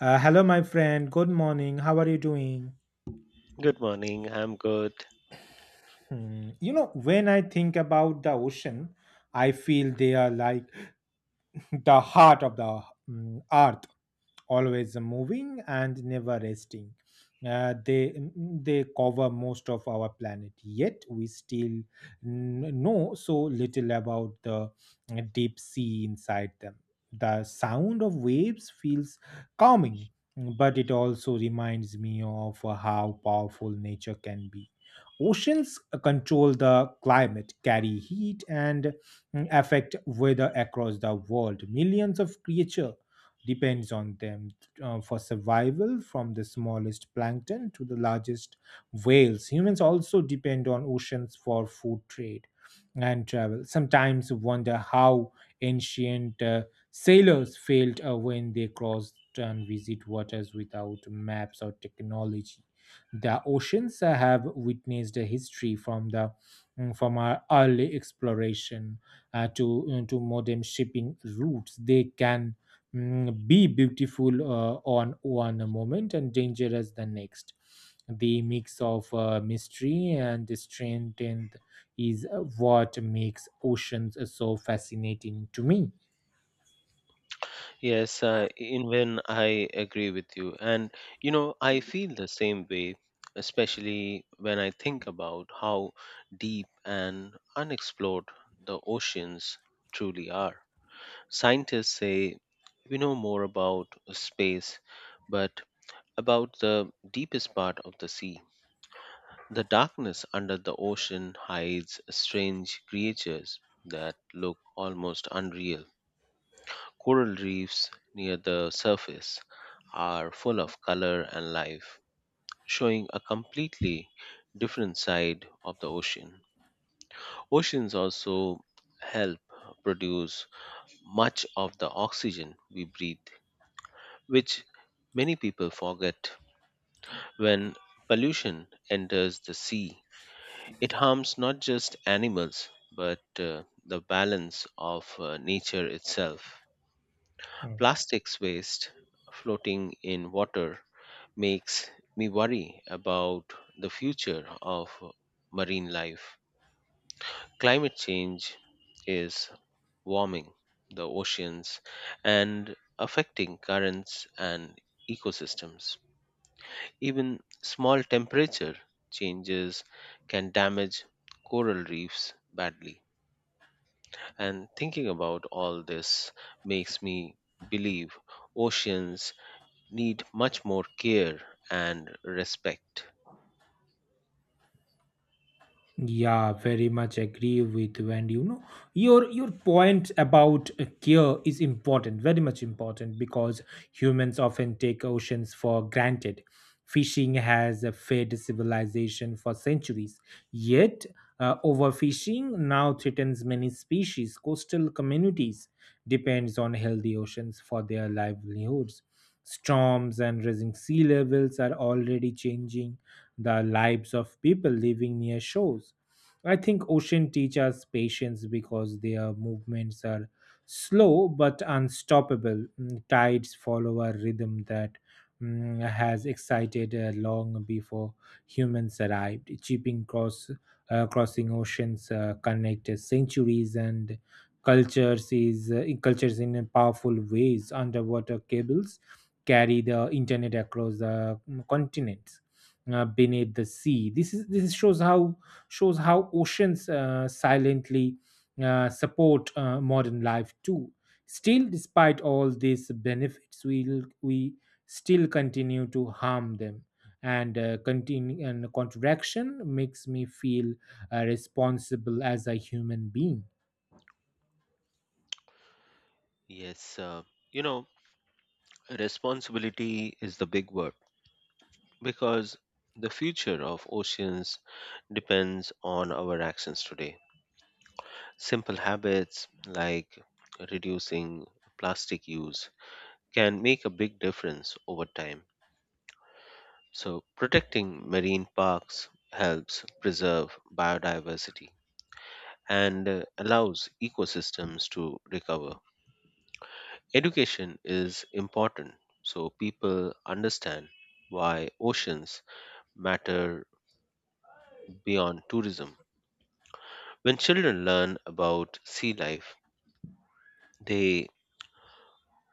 Hello, my friend. Good morning. How are you doing? Good morning. I'm good. Hmm. When I think about the ocean, I feel they are like the heart of the earth, always moving and never resting. They cover most of our planet, yet we still know so little about the deep sea inside them. The sound of waves feels calming, but it also reminds me of how powerful nature can be. Oceans control the climate, carry heat, and affect weather across the world. Millions of creatures depends on them for survival, from the smallest plankton to the largest whales. Humans also depend on oceans for food trade and travel. Sometimes wonder how ancient sailors failed when they crossed and visit waters without maps or technology. The oceans have witnessed a history from from our early exploration to modern shipping routes. They can be beautiful on one moment and dangerous the next. The mix of mystery and strength and is what makes oceans so fascinating to me. Yes, even I agree with you. I feel the same way, especially when I think about how deep and unexplored the oceans truly are. Scientists say we know more about space, but about the deepest part of the sea. The darkness under the ocean hides strange creatures that look almost unreal. Coral reefs near the surface are full of color and life, showing a completely different side of the ocean. Oceans also help produce much of the oxygen we breathe, which many people forget. When pollution enters the sea, it harms not just animals but the balance of nature itself. Plastics waste floating in water makes me worry about the future of marine life. Climate change is warming the oceans and affecting currents and ecosystems. Even small temperature changes can damage coral reefs badly. And thinking about all this makes me believe oceans need much more care and respect. Yeah, very much agree with you. And your point about care is important, very much important, because humans often take oceans for granted. Fishing has fed civilization for centuries. Yet, overfishing now threatens many species. Coastal communities depends on healthy oceans for their livelihoods. Storms and rising sea levels are already changing the lives of people living near shores. I think ocean teach us patience because their movements are slow but unstoppable. Tides follow a rhythm that has existed long before humans arrived. Shipping cross crossing oceans connect centuries and cultures in powerful ways. Underwater cables carry the internet across the continents beneath the sea. This shows how oceans silently support modern life too. Still, despite all these benefits, we still continue to harm them. And continue and contraction makes me feel responsible as a human being. Yes, you know, responsibility is the big word because the future of oceans depends on our actions today. Simple habits like reducing plastic use can make a big difference over time. So, protecting marine parks helps preserve biodiversity and allows ecosystems to recover. Education is important so people understand why oceans matter beyond tourism. When children learn about sea life, they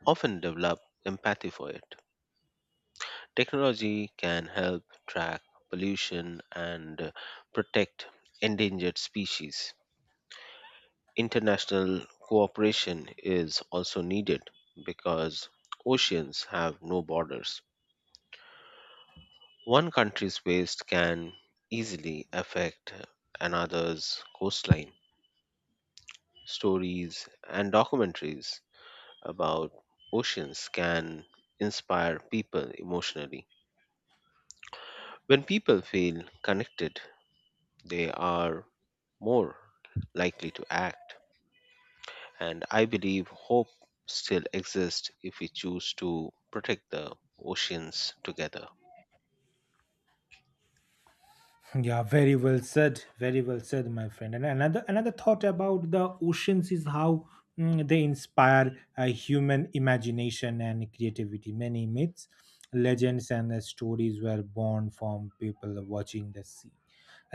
often develop empathy for it. Technology can help track pollution and protect endangered species. International cooperation is also needed because oceans have no borders. One country's waste can easily affect another's coastline. Stories and documentaries about oceans can inspire people emotionally. When people feel connected, they are more likely to act. And I believe hope still exists if we choose to protect the oceans together. Yeah, very well said. Very well said, my friend. And another thought about the oceans is how they inspire human imagination and creativity. Many myths, legends, and stories were born from people watching the sea.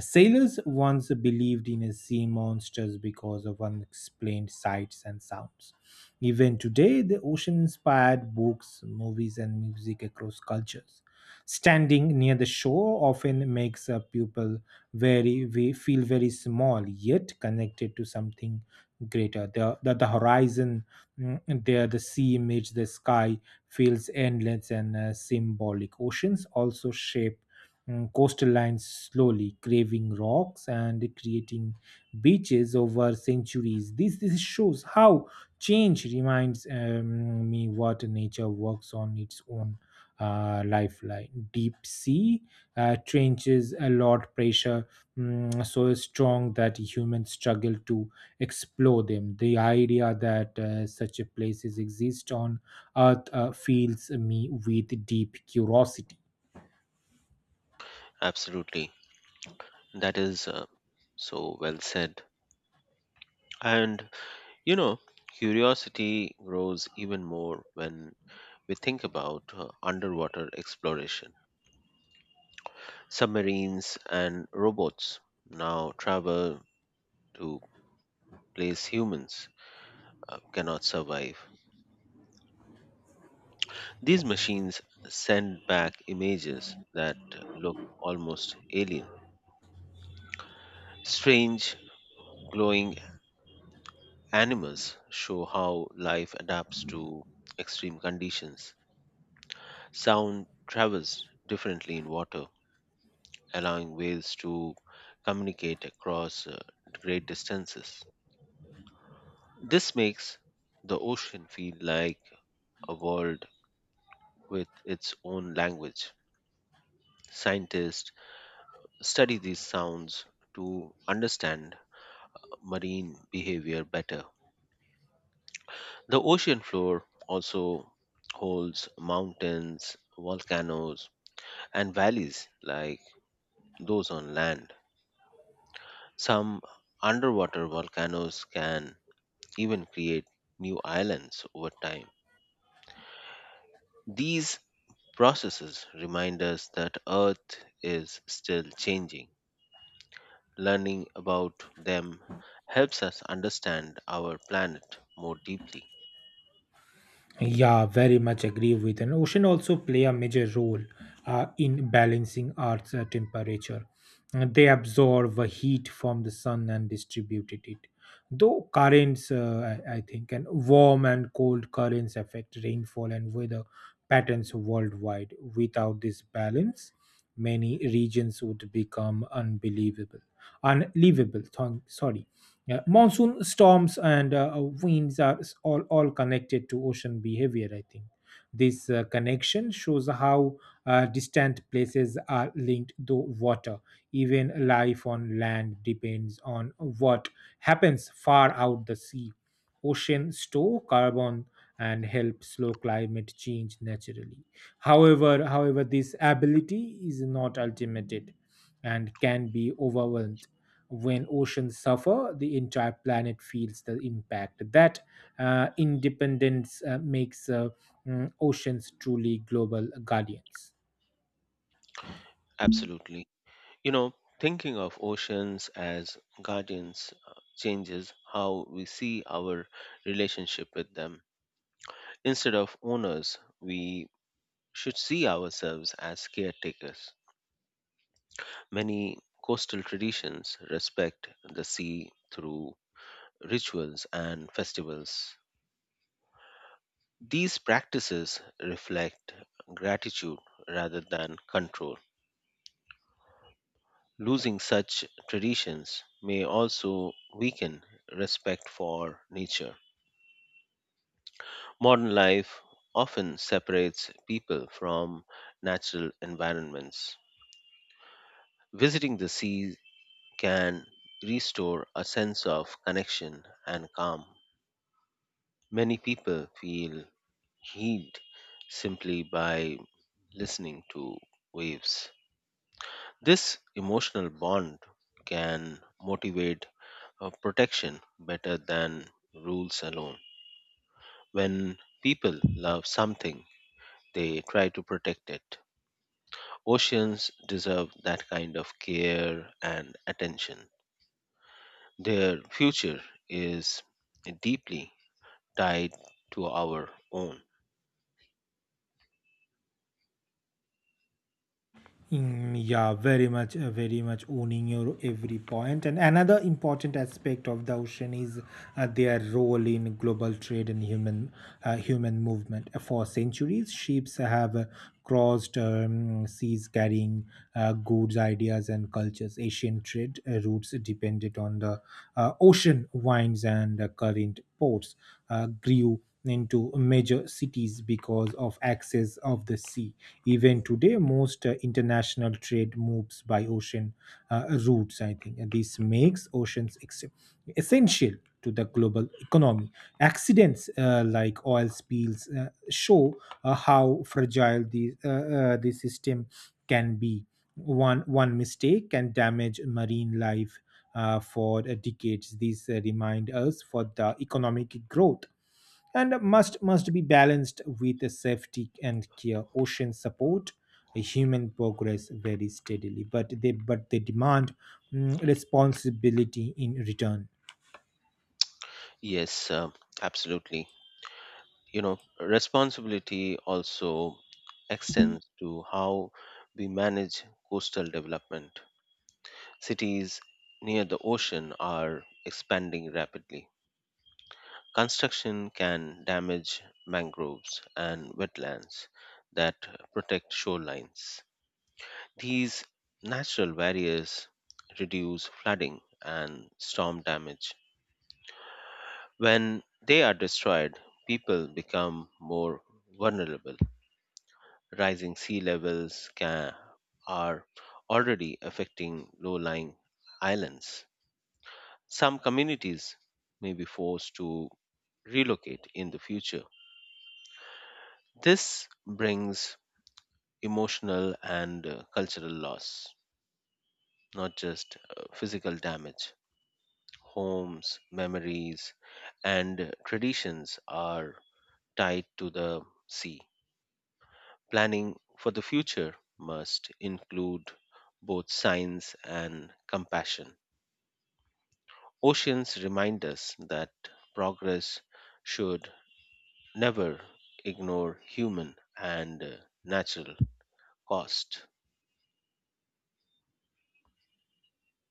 Sailors once believed in sea monsters because of unexplained sights and sounds. Even today, the ocean inspired books, movies, and music across cultures. Standing near the shore often makes a pupil very, we feel very small, yet connected to something greater. The horizon there, the sea image, the sky feels endless and symbolic. Oceans also shape coastal lines slowly, craving rocks and creating beaches over centuries. This shows how change reminds me what nature works on its own lifeline. Deep sea trenches a lot pressure so strong that humans struggle to explore them. The idea that such a places exist on Earth fills me with deep curiosity. Absolutely. That is so well said. And You know, curiosity grows even more when we think about underwater exploration. Submarines and robots now travel to place humans cannot survive. These machines send back images that look almost alien. Strange glowing animals show how life adapts to extreme conditions. Sound travels differently in water, allowing whales to communicate across great distances. This makes the ocean feel like a world with its own language. Scientists study these sounds to understand marine behavior better. The ocean floor also holds mountains, volcanoes, and valleys like those on land. Some underwater volcanoes can even create new islands over time. These processes remind us that Earth is still changing. Learning about them helps us understand our planet more deeply. Yeah, very much agree with. And ocean also play a major role in balancing Earth's temperature. They absorb heat from the sun and distribute it. Though currents, I think, and warm and cold currents affect rainfall and weather patterns worldwide. Without this balance, many regions would become unbelievable, unlivable. Thong, sorry. Yeah, monsoon storms and winds are all connected to ocean behavior, I think. This connection shows how distant places are linked to water. Even life on land depends on what happens far out the sea. Ocean store carbon and help slow climate change naturally. However, this ability is not ultimated and can be overwhelmed when oceans suffer, the entire planet feels the impact. That independence makes oceans truly global guardians. Absolutely. You know, thinking of oceans as guardians changes how we see our relationship with them. Instead of owners, we should see ourselves as caretakers. Many coastal traditions respect the sea through rituals and festivals. These practices reflect gratitude rather than control. Losing such traditions may also weaken respect for nature. Modern life often separates people from natural environments. Visiting the sea can restore a sense of connection and calm. Many people feel healed simply by listening to waves. This emotional bond can motivate protection better than rules alone. When people love something, they try to protect it. Oceans deserve that kind of care and attention. Their future is deeply tied to our own. Mm, yeah, very much owning your every point. And another important aspect of the ocean is their role in global trade and human movement. For centuries, ships have crossed seas carrying goods, ideas, and cultures. Asian trade routes depended on the ocean winds and current ports. Grew into major cities because of access of the sea. Even today, most international trade moves by ocean routes, I think. And this makes oceans essential to the global economy. Accidents like oil spills show how fragile the system can be. One mistake can damage marine life for decades. These remind us for the economic growth and must be balanced with a safety and care. Oceans support human progress very steadily, but they demand responsibility in return. Yes, absolutely. You know, responsibility also extends to how we manage coastal development. Cities near the ocean are expanding rapidly. Construction can damage mangroves and wetlands that protect shorelines. These natural barriers reduce flooding and storm damage. When they are destroyed, people become more vulnerable. Rising sea levels ca are already affecting low lying islands. Some communities may be forced to relocate in the future. This brings emotional and cultural loss, not just physical damage. Homes, memories, and traditions are tied to the sea. Planning for the future must include both science and compassion. Oceans remind us that progress should never ignore human and natural cost.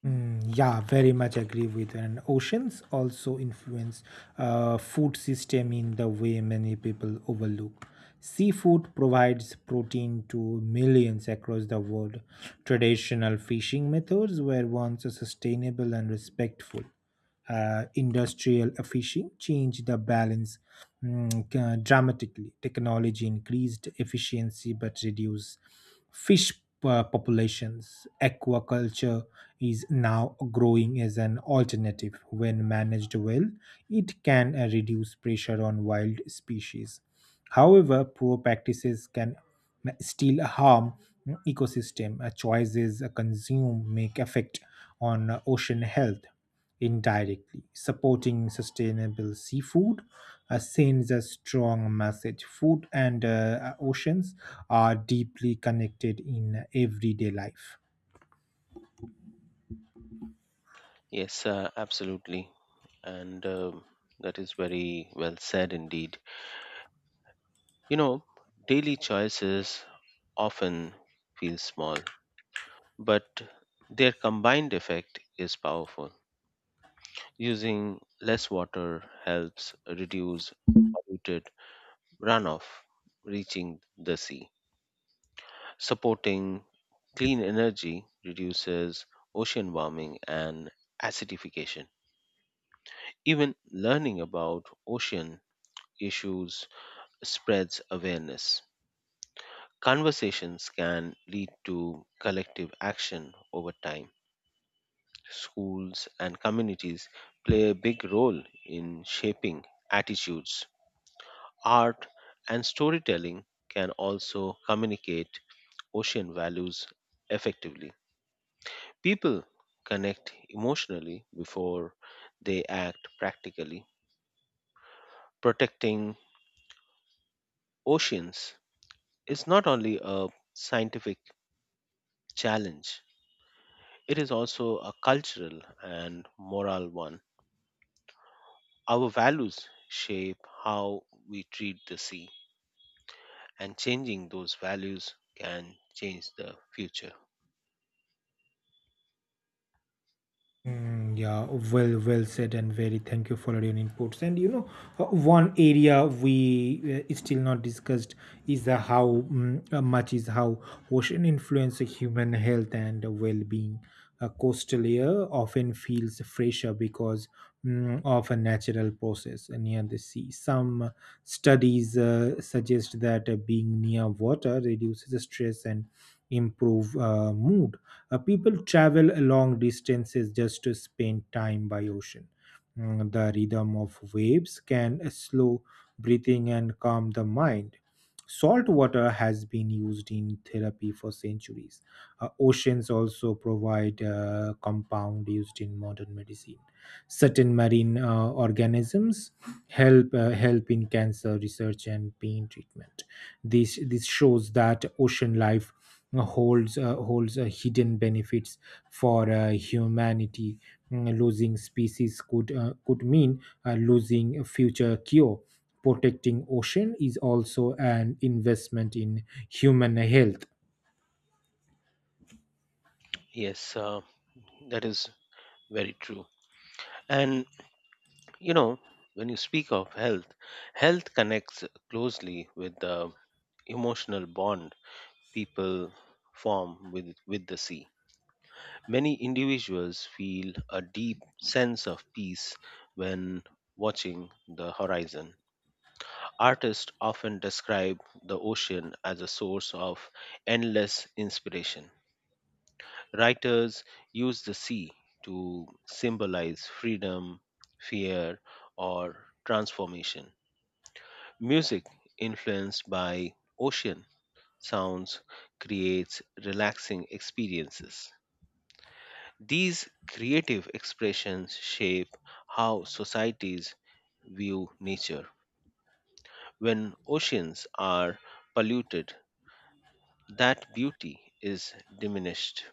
Mm, yeah, very much agree with her. And oceans also influence food system in the way many people overlook. Seafood provides protein to millions across the world. Traditional fishing methods were once sustainable and respectful. Industrial fishing changed the balance dramatically. Technology increased efficiency but reduced fish populations. Aquaculture is now growing as an alternative. When managed well, it can reduce pressure on wild species. However, poor practices can still harm ecosystem. Choices consume make effect on ocean health. Indirectly, supporting sustainable seafood sends a strong message. Food and oceans are deeply connected in everyday life. Yes, absolutely. And that is very well said indeed. You know, daily choices often feel small, but their combined effect is powerful. Using less water helps reduce polluted runoff reaching the sea. Supporting clean energy reduces ocean warming and acidification. Even learning about ocean issues spreads awareness. Conversations can lead to collective action over time. Schools and communities play a big role in shaping attitudes. Art and storytelling can also communicate ocean values effectively. People connect emotionally before they act practically. Protecting oceans is not only a scientific challenge, it is also a cultural and moral one. Our values shape how we treat the sea, and changing those values can change the future. Mm, yeah, well said, and very thank you for your inputs. And one area we still not discussed is the how mm, much is how ocean influence human health and well-being. A coastal air often feels fresher because of a natural process near the sea. Some studies suggest that being near water reduces stress and improve mood. People travel long distances just to spend time by ocean. The rhythm of waves can slow breathing and calm the mind. Salt water has been used in therapy for centuries. Oceans also provide a compound used in modern medicine. Certain marine organisms help in cancer research and pain treatment. This shows that ocean life holds hidden benefits for humanity. Losing species could mean losing a future cure. Protecting ocean is also an investment in human health. Yes, that is very true. And you know, when you speak of health, health connects closely with the emotional bond people form with the sea. Many individuals feel a deep sense of peace when watching the horizon. Artists often describe the ocean as a source of endless inspiration. Writers use the sea to symbolize freedom, fear, or transformation. Music influenced by ocean sounds creates relaxing experiences. These creative expressions shape how societies view nature. When oceans are polluted, that beauty is diminished.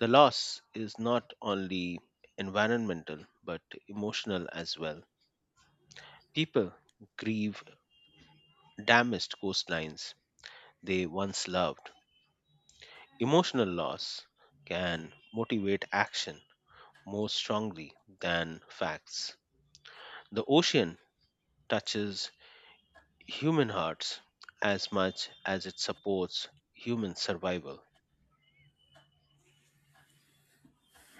The loss is not only environmental but emotional as well. People grieve damaged coastlines they once loved. Emotional loss can motivate action more strongly than facts. The ocean touches human hearts as much as it supports human survival.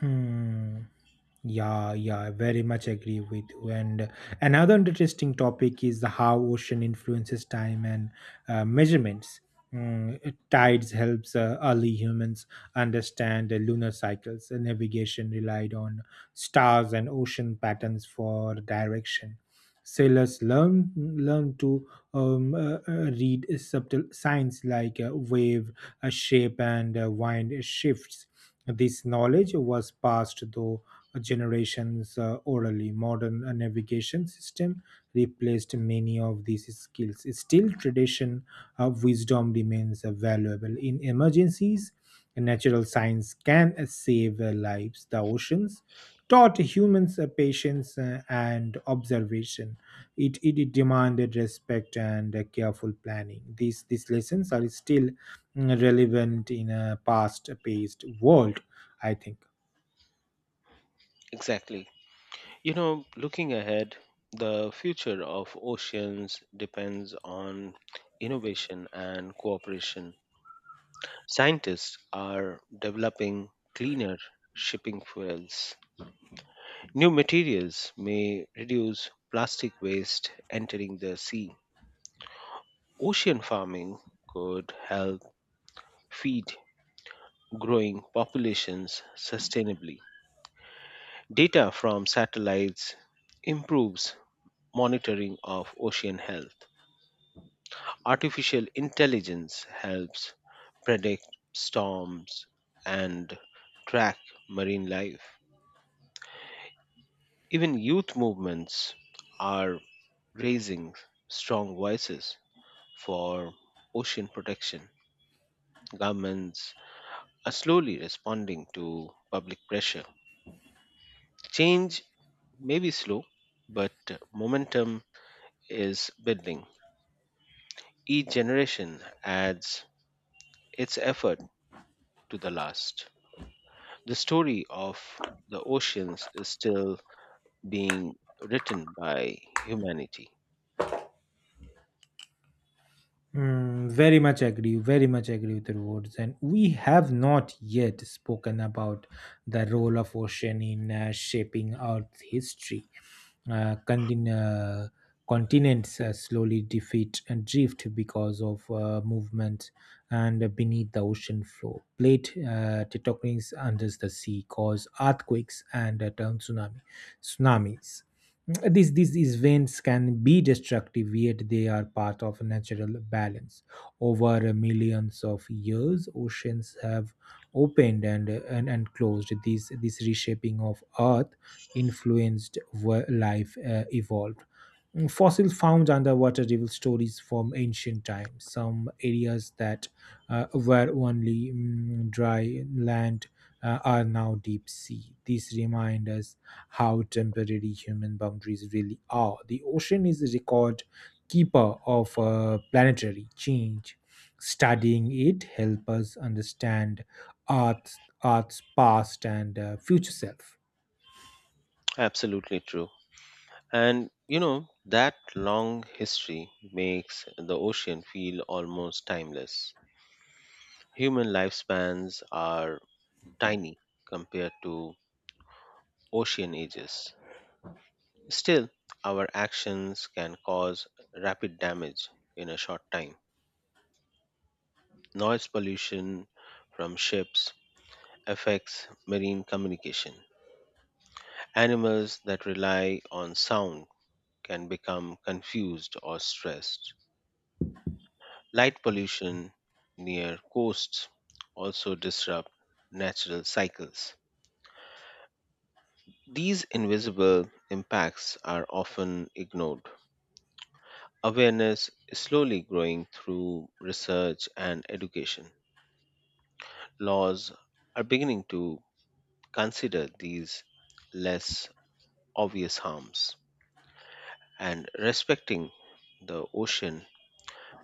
Hmm. Yeah, yeah, I very much agree with you. And another interesting topic is how ocean influences time and measurements. Tides helps early humans understand the lunar cycles. And navigation relied on stars and ocean patterns for direction. Sailors learn to read subtle signs like wave shape and wind shifts. This knowledge was passed through generations orally. Modern navigation system replaced many of these skills. Still, tradition of wisdom remains valuable. In emergencies, natural science can save lives. The oceans taught humans patience and observation. It demanded respect and careful planning. These lessons are still relevant in a past-paced world, I think. Exactly. You know, looking ahead, the future of oceans depends on innovation and cooperation. Scientists are developing cleaner shipping fuels. New materials may reduce plastic waste entering the sea. Ocean farming could help feed growing populations sustainably. Data from satellites improves monitoring of ocean health. Artificial intelligence helps predict storms and track marine life. Even youth movements are raising strong voices for ocean protection. Governments are slowly responding to public pressure. Change may be slow, but momentum is building. Each generation adds its effort to the last. The story of the oceans is still being written by humanity. Very much agree with the words. And we have not yet spoken about the role of ocean in shaping Earth's history. Uh, contin- uh, Continents slowly defeat and drift because of movement and beneath the ocean floor. Plate tectonics under the sea cause earthquakes and turn tsunamis. These events can be destructive, yet they are part of natural balance. Over millions of years, oceans have opened and closed. This reshaping of earth influenced where life evolved. Fossils found underwater reveal stories from ancient times. Some areas that were only dry land are now deep sea. These remind us how temporary human boundaries really are. The ocean is a record keeper of planetary change. Studying it helps us understand Earth's past and future self. Absolutely true. And you know, that long history makes the ocean feel almost timeless. Human lifespans are tiny compared to ocean ages. Still, our actions can cause rapid damage in a short time. Noise pollution from ships affects marine communication. Animals that rely on sound can become confused or stressed. Light pollution near coasts also disrupt natural cycles. These invisible impacts are often ignored. Awareness is slowly growing through research and education. Laws are beginning to consider these less obvious harms, and respecting the ocean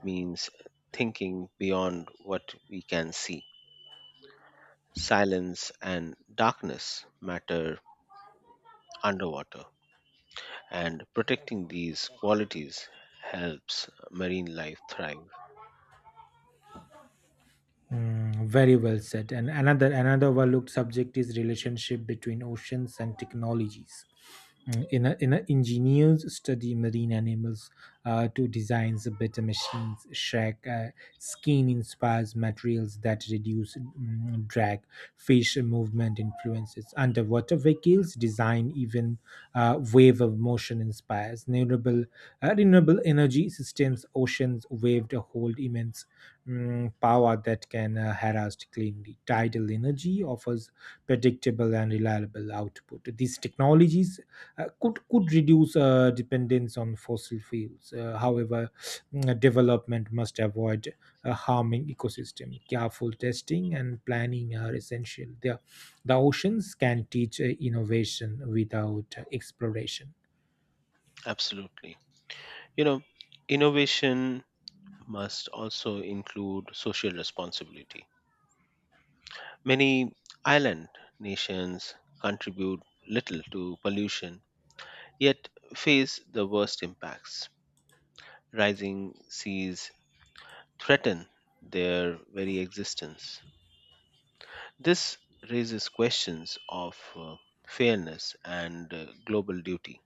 means thinking beyond what we can see. Silence and darkness matter underwater, and protecting these qualities helps marine life thrive. Very well said. And another overlooked subject is relationship between oceans and technologies. Mm, in a Engineers study marine animals to design better machines, shack skin inspires materials that reduce drag. Fish movement influences underwater vehicles design. Even wave of motion inspires renewable energy systems. Oceans waved hold immense power that can harass cleanly. Tidal energy offers predictable and reliable output. These technologies could reduce dependence on fossil fuels. However, development must avoid harming ecosystem. Careful testing and planning are essential. The oceans can teach innovation without exploration. Absolutely. You know, innovation must also include social responsibility. Many island nations contribute little to pollution, yet face the worst impacts. Rising seas threaten their very existence. This raises questions of fairness and global duty.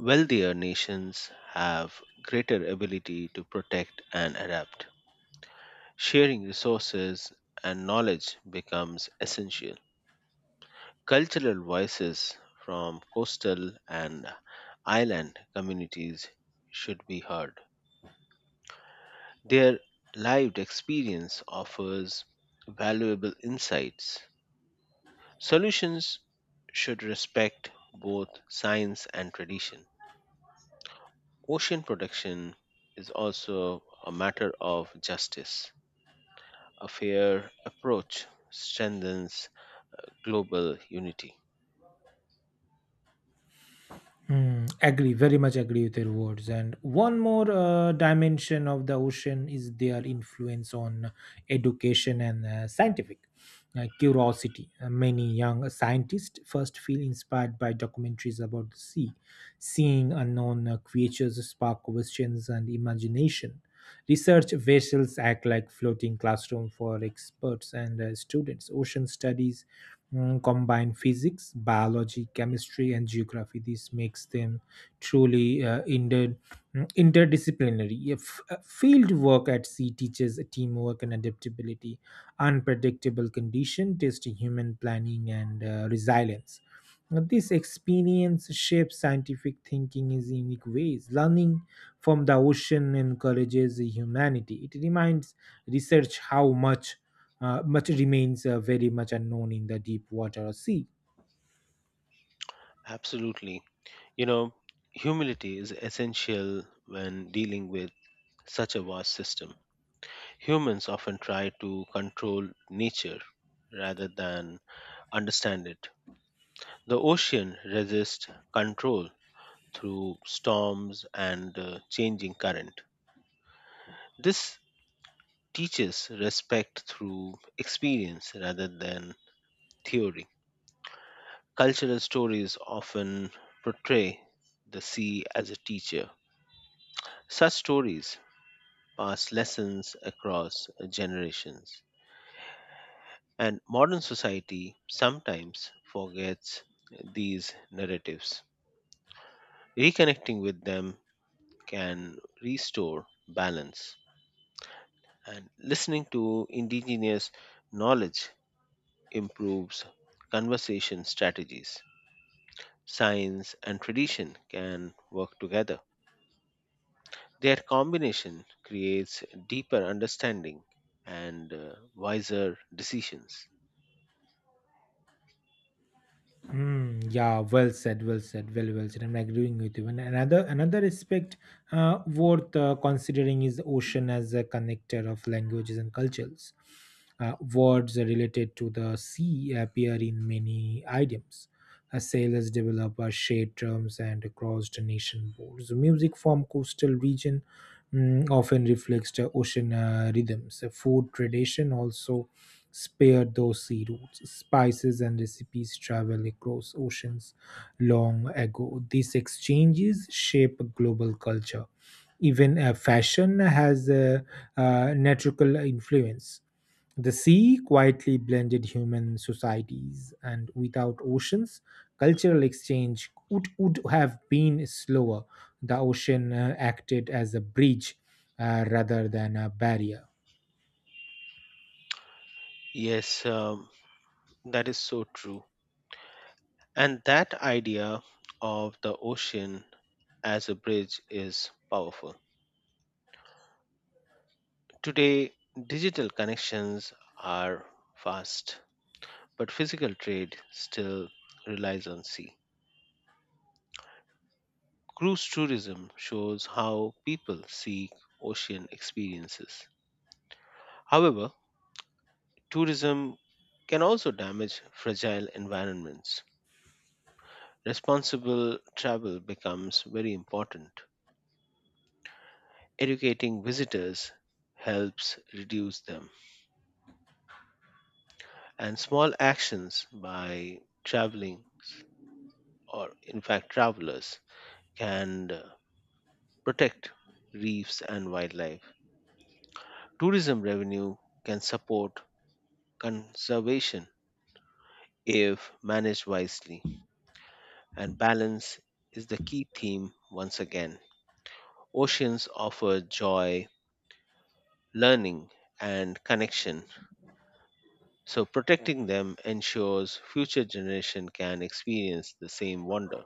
Wealthier nations have greater ability to protect and adapt. Sharing resources and knowledge becomes essential. Cultural voices from coastal and island communities should be heard. Their lived experience offers valuable insights. Solutions should respect both science and tradition. Ocean protection is also a matter of justice. A fair approach strengthens global unity. Agree, very much agree with your words. And one more dimension of the ocean is their influence on education and scientific curiosity. Many young scientists first feel inspired by documentaries about the sea. Seeing unknown creatures spark questions and imagination. Research vessels act like floating classroom for experts and students. Ocean studies combine physics, biology, chemistry, and geography. This makes them truly interdisciplinary. If field work at sea teaches teamwork and adaptability, unpredictable condition, testing human planning and resilience. This experience shapes scientific thinking in unique ways. Learning from the ocean encourages humanity. It reminds research how much remains very much unknown in the deep water or sea. Absolutely. You know, humility is essential when dealing with such a vast system. Humans often try to control nature rather than understand it. The ocean resists control through storms and changing current. This teaches respect through experience rather than theory. Cultural stories often portray the sea as a teacher. Such stories pass lessons across generations, and modern society sometimes forgets these narratives. Reconnecting with them can restore balance, and listening to indigenous knowledge improves conversation strategies. Science and tradition can work together. Their combination creates deeper understanding and wiser decisions. Hmm. Yeah, well said, well said, well said. I'm agreeing with you. And another aspect worth considering is the ocean as a connector of languages and cultures. Words related to the sea appear in many idioms. Sailors develop shared terms and across the nation boards. Music from coastal region often reflects the ocean rhythms. Food tradition also spared those sea routes, spices and recipes traveled across oceans long ago. These exchanges shape global culture. Even fashion has a natural influence. The sea quietly blended human societies, and without oceans, cultural exchange would have been slower. The ocean acted as a bridge rather than a barrier. Yes, that is so true. And that idea of the ocean as a bridge is powerful. Today, digital connections are fast but physical trade still relies on sea. Cruise tourism shows how people seek ocean experiences. However, tourism can also damage fragile environments. Responsible travel becomes very important. Educating visitors helps reduce them, and small actions by traveling or, in fact, travelers can protect reefs and wildlife. Tourism revenue can support conservation if managed wisely, and balance is the key theme once again. Oceans offer joy, learning, and connection, so protecting them ensures future generations can experience the same wonder.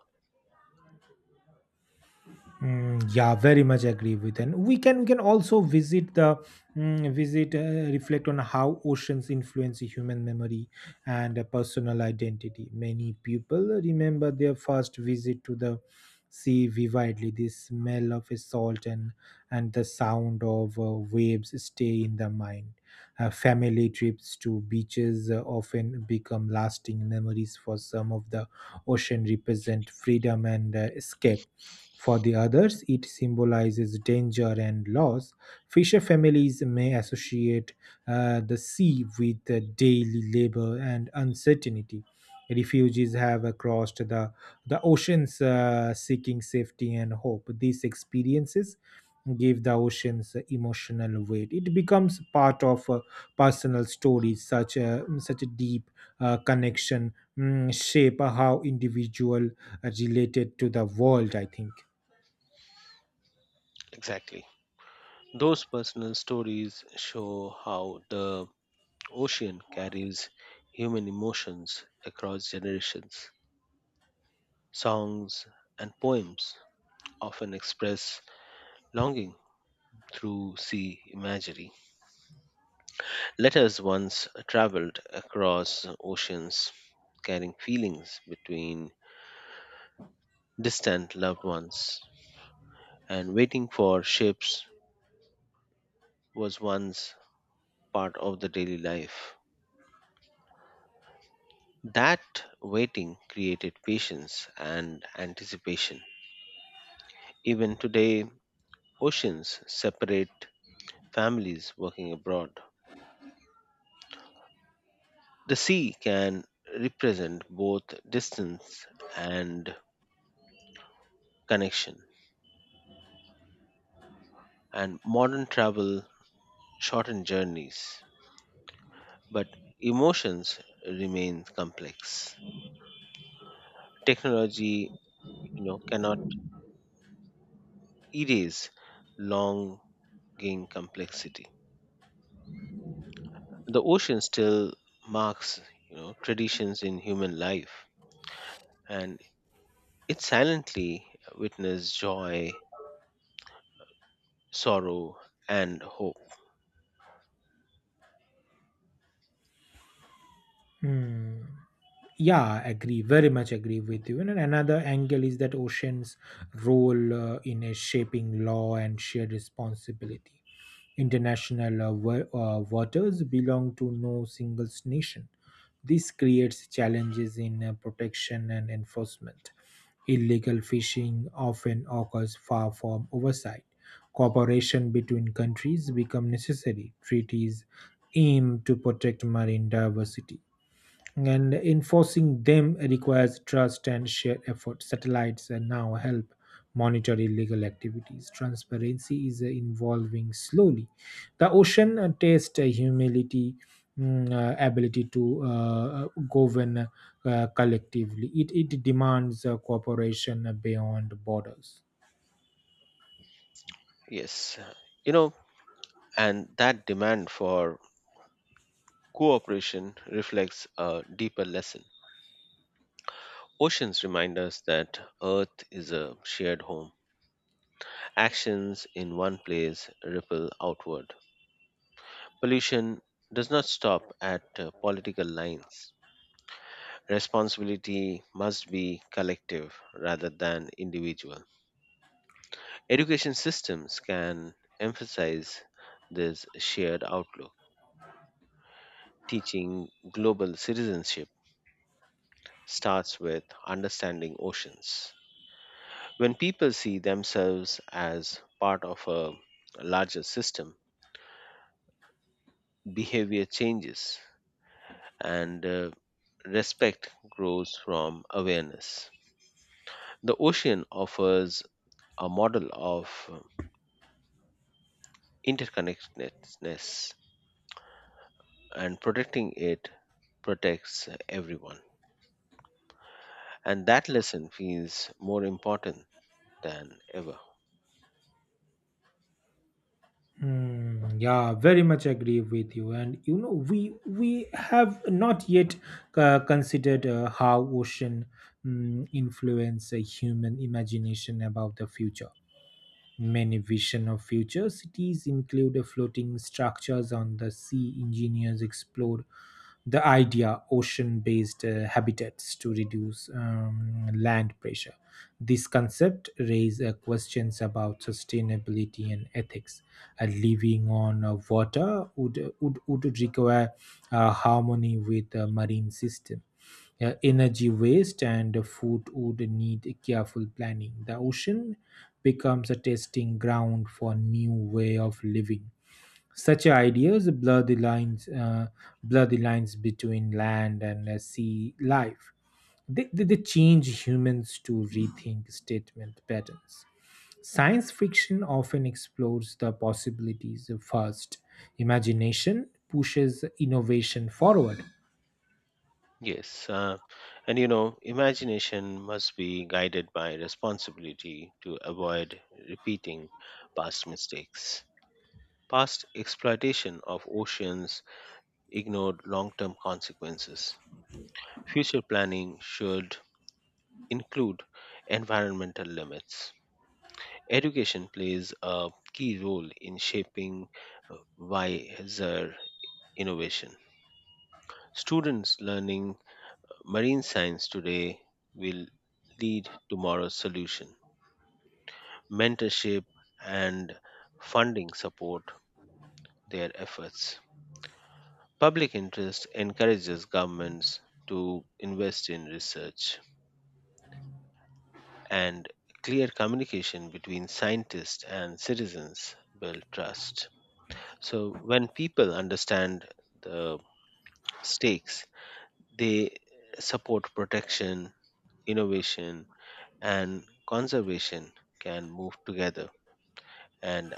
Mm, yeah, very much agree with, and we can also visit the mm, visit reflect on how oceans influence human memory and personal identity. Many people remember their first visit to the sea vividly. The smell of salt and the sound of waves stay in the mind. Family trips to beaches often become lasting memories for some of the ocean represent freedom and escape for the others, it symbolizes danger and loss. Fisher families may associate the sea with daily labor and uncertainty. Refugees have crossed the oceans seeking safety and hope. These experiences give the oceans emotional weight. It becomes part of personal stories, such a deep connection shape how individual are related to the world, I think. Exactly. Those personal stories show how the ocean carries human emotions across generations. Songs and poems often express longing through sea imagery. Letters once traveled across oceans, carrying feelings between distant loved ones, and waiting for ships was once part of the daily life. That waiting created patience and anticipation. Even today, oceans separate families working abroad. The sea can represent both distance and connection, and modern travel shortened journeys, but emotions remain complex. Technology, you know, cannot erase longing complexity. The ocean still marks, you know, traditions in human life, and it silently witnessed joy, sorrow, and hope. Hmm. Yeah, agree. Very much agree with you. And another angle is that oceans' role in a shaping law and shared responsibility. International waters belong to no single nation. This creates challenges in protection and enforcement. Illegal fishing often occurs far from oversight. Cooperation between countries become necessary. Treaties aim to protect marine diversity and enforcing them requires trust and shared effort. Satellites now help monitor illegal activities. Transparency is evolving slowly. The ocean tests humility. Ability to govern collectively. It demands cooperation beyond borders. Yes, you know, and that demand for cooperation reflects a deeper lesson. Oceans remind us that Earth is a shared home. Actions in one place ripple outward. Pollution does not stop at political lines. Responsibility must be collective rather than individual. Education systems can emphasize this shared outlook. Teaching global citizenship starts with understanding oceans. When people see themselves as part of a larger system, behavior changes and respect grows from awareness. The ocean offers a model of interconnectedness, and protecting it protects everyone. And that lesson feels more important than ever. Hmm, yeah, very much agree with you. And you know, we have not yet considered how ocean influence human imagination about the future. Many vision of future cities include a floating structures on the sea. Engineers explore the idea ocean-based habitats to reduce land pressure. This concept raises questions about sustainability and ethics. Living on water would require harmony with the marine system. Yeah, energy waste and food would need careful planning. The ocean becomes a testing ground for new way of living. Such ideas blur the lines between land and sea life. They change humans to rethink statement patterns. Science fiction often explores the possibilities first. Imagination pushes innovation forward. Yes, and you know, imagination must be guided by responsibility to avoid repeating past mistakes. Past exploitation of oceans ignored long term consequences. Future planning should include environmental limits. Education plays a key role in shaping wiser innovation. Students learning marine science today will lead tomorrow's solution. Mentorship and funding support their efforts. Public interest encourages governments to invest in research, and clear communication between scientists and citizens build trust. So, when people understand the stakes, they support protection, innovation, and conservation can move together. And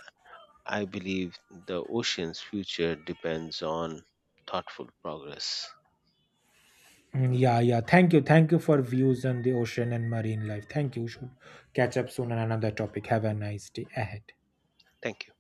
I believe the ocean's future depends on thoughtful progress. Mm, yeah, yeah. Thank you. Thank you for views on the ocean and marine life. Thank you. We should catch up soon on another topic. Have a nice day ahead. Thank you.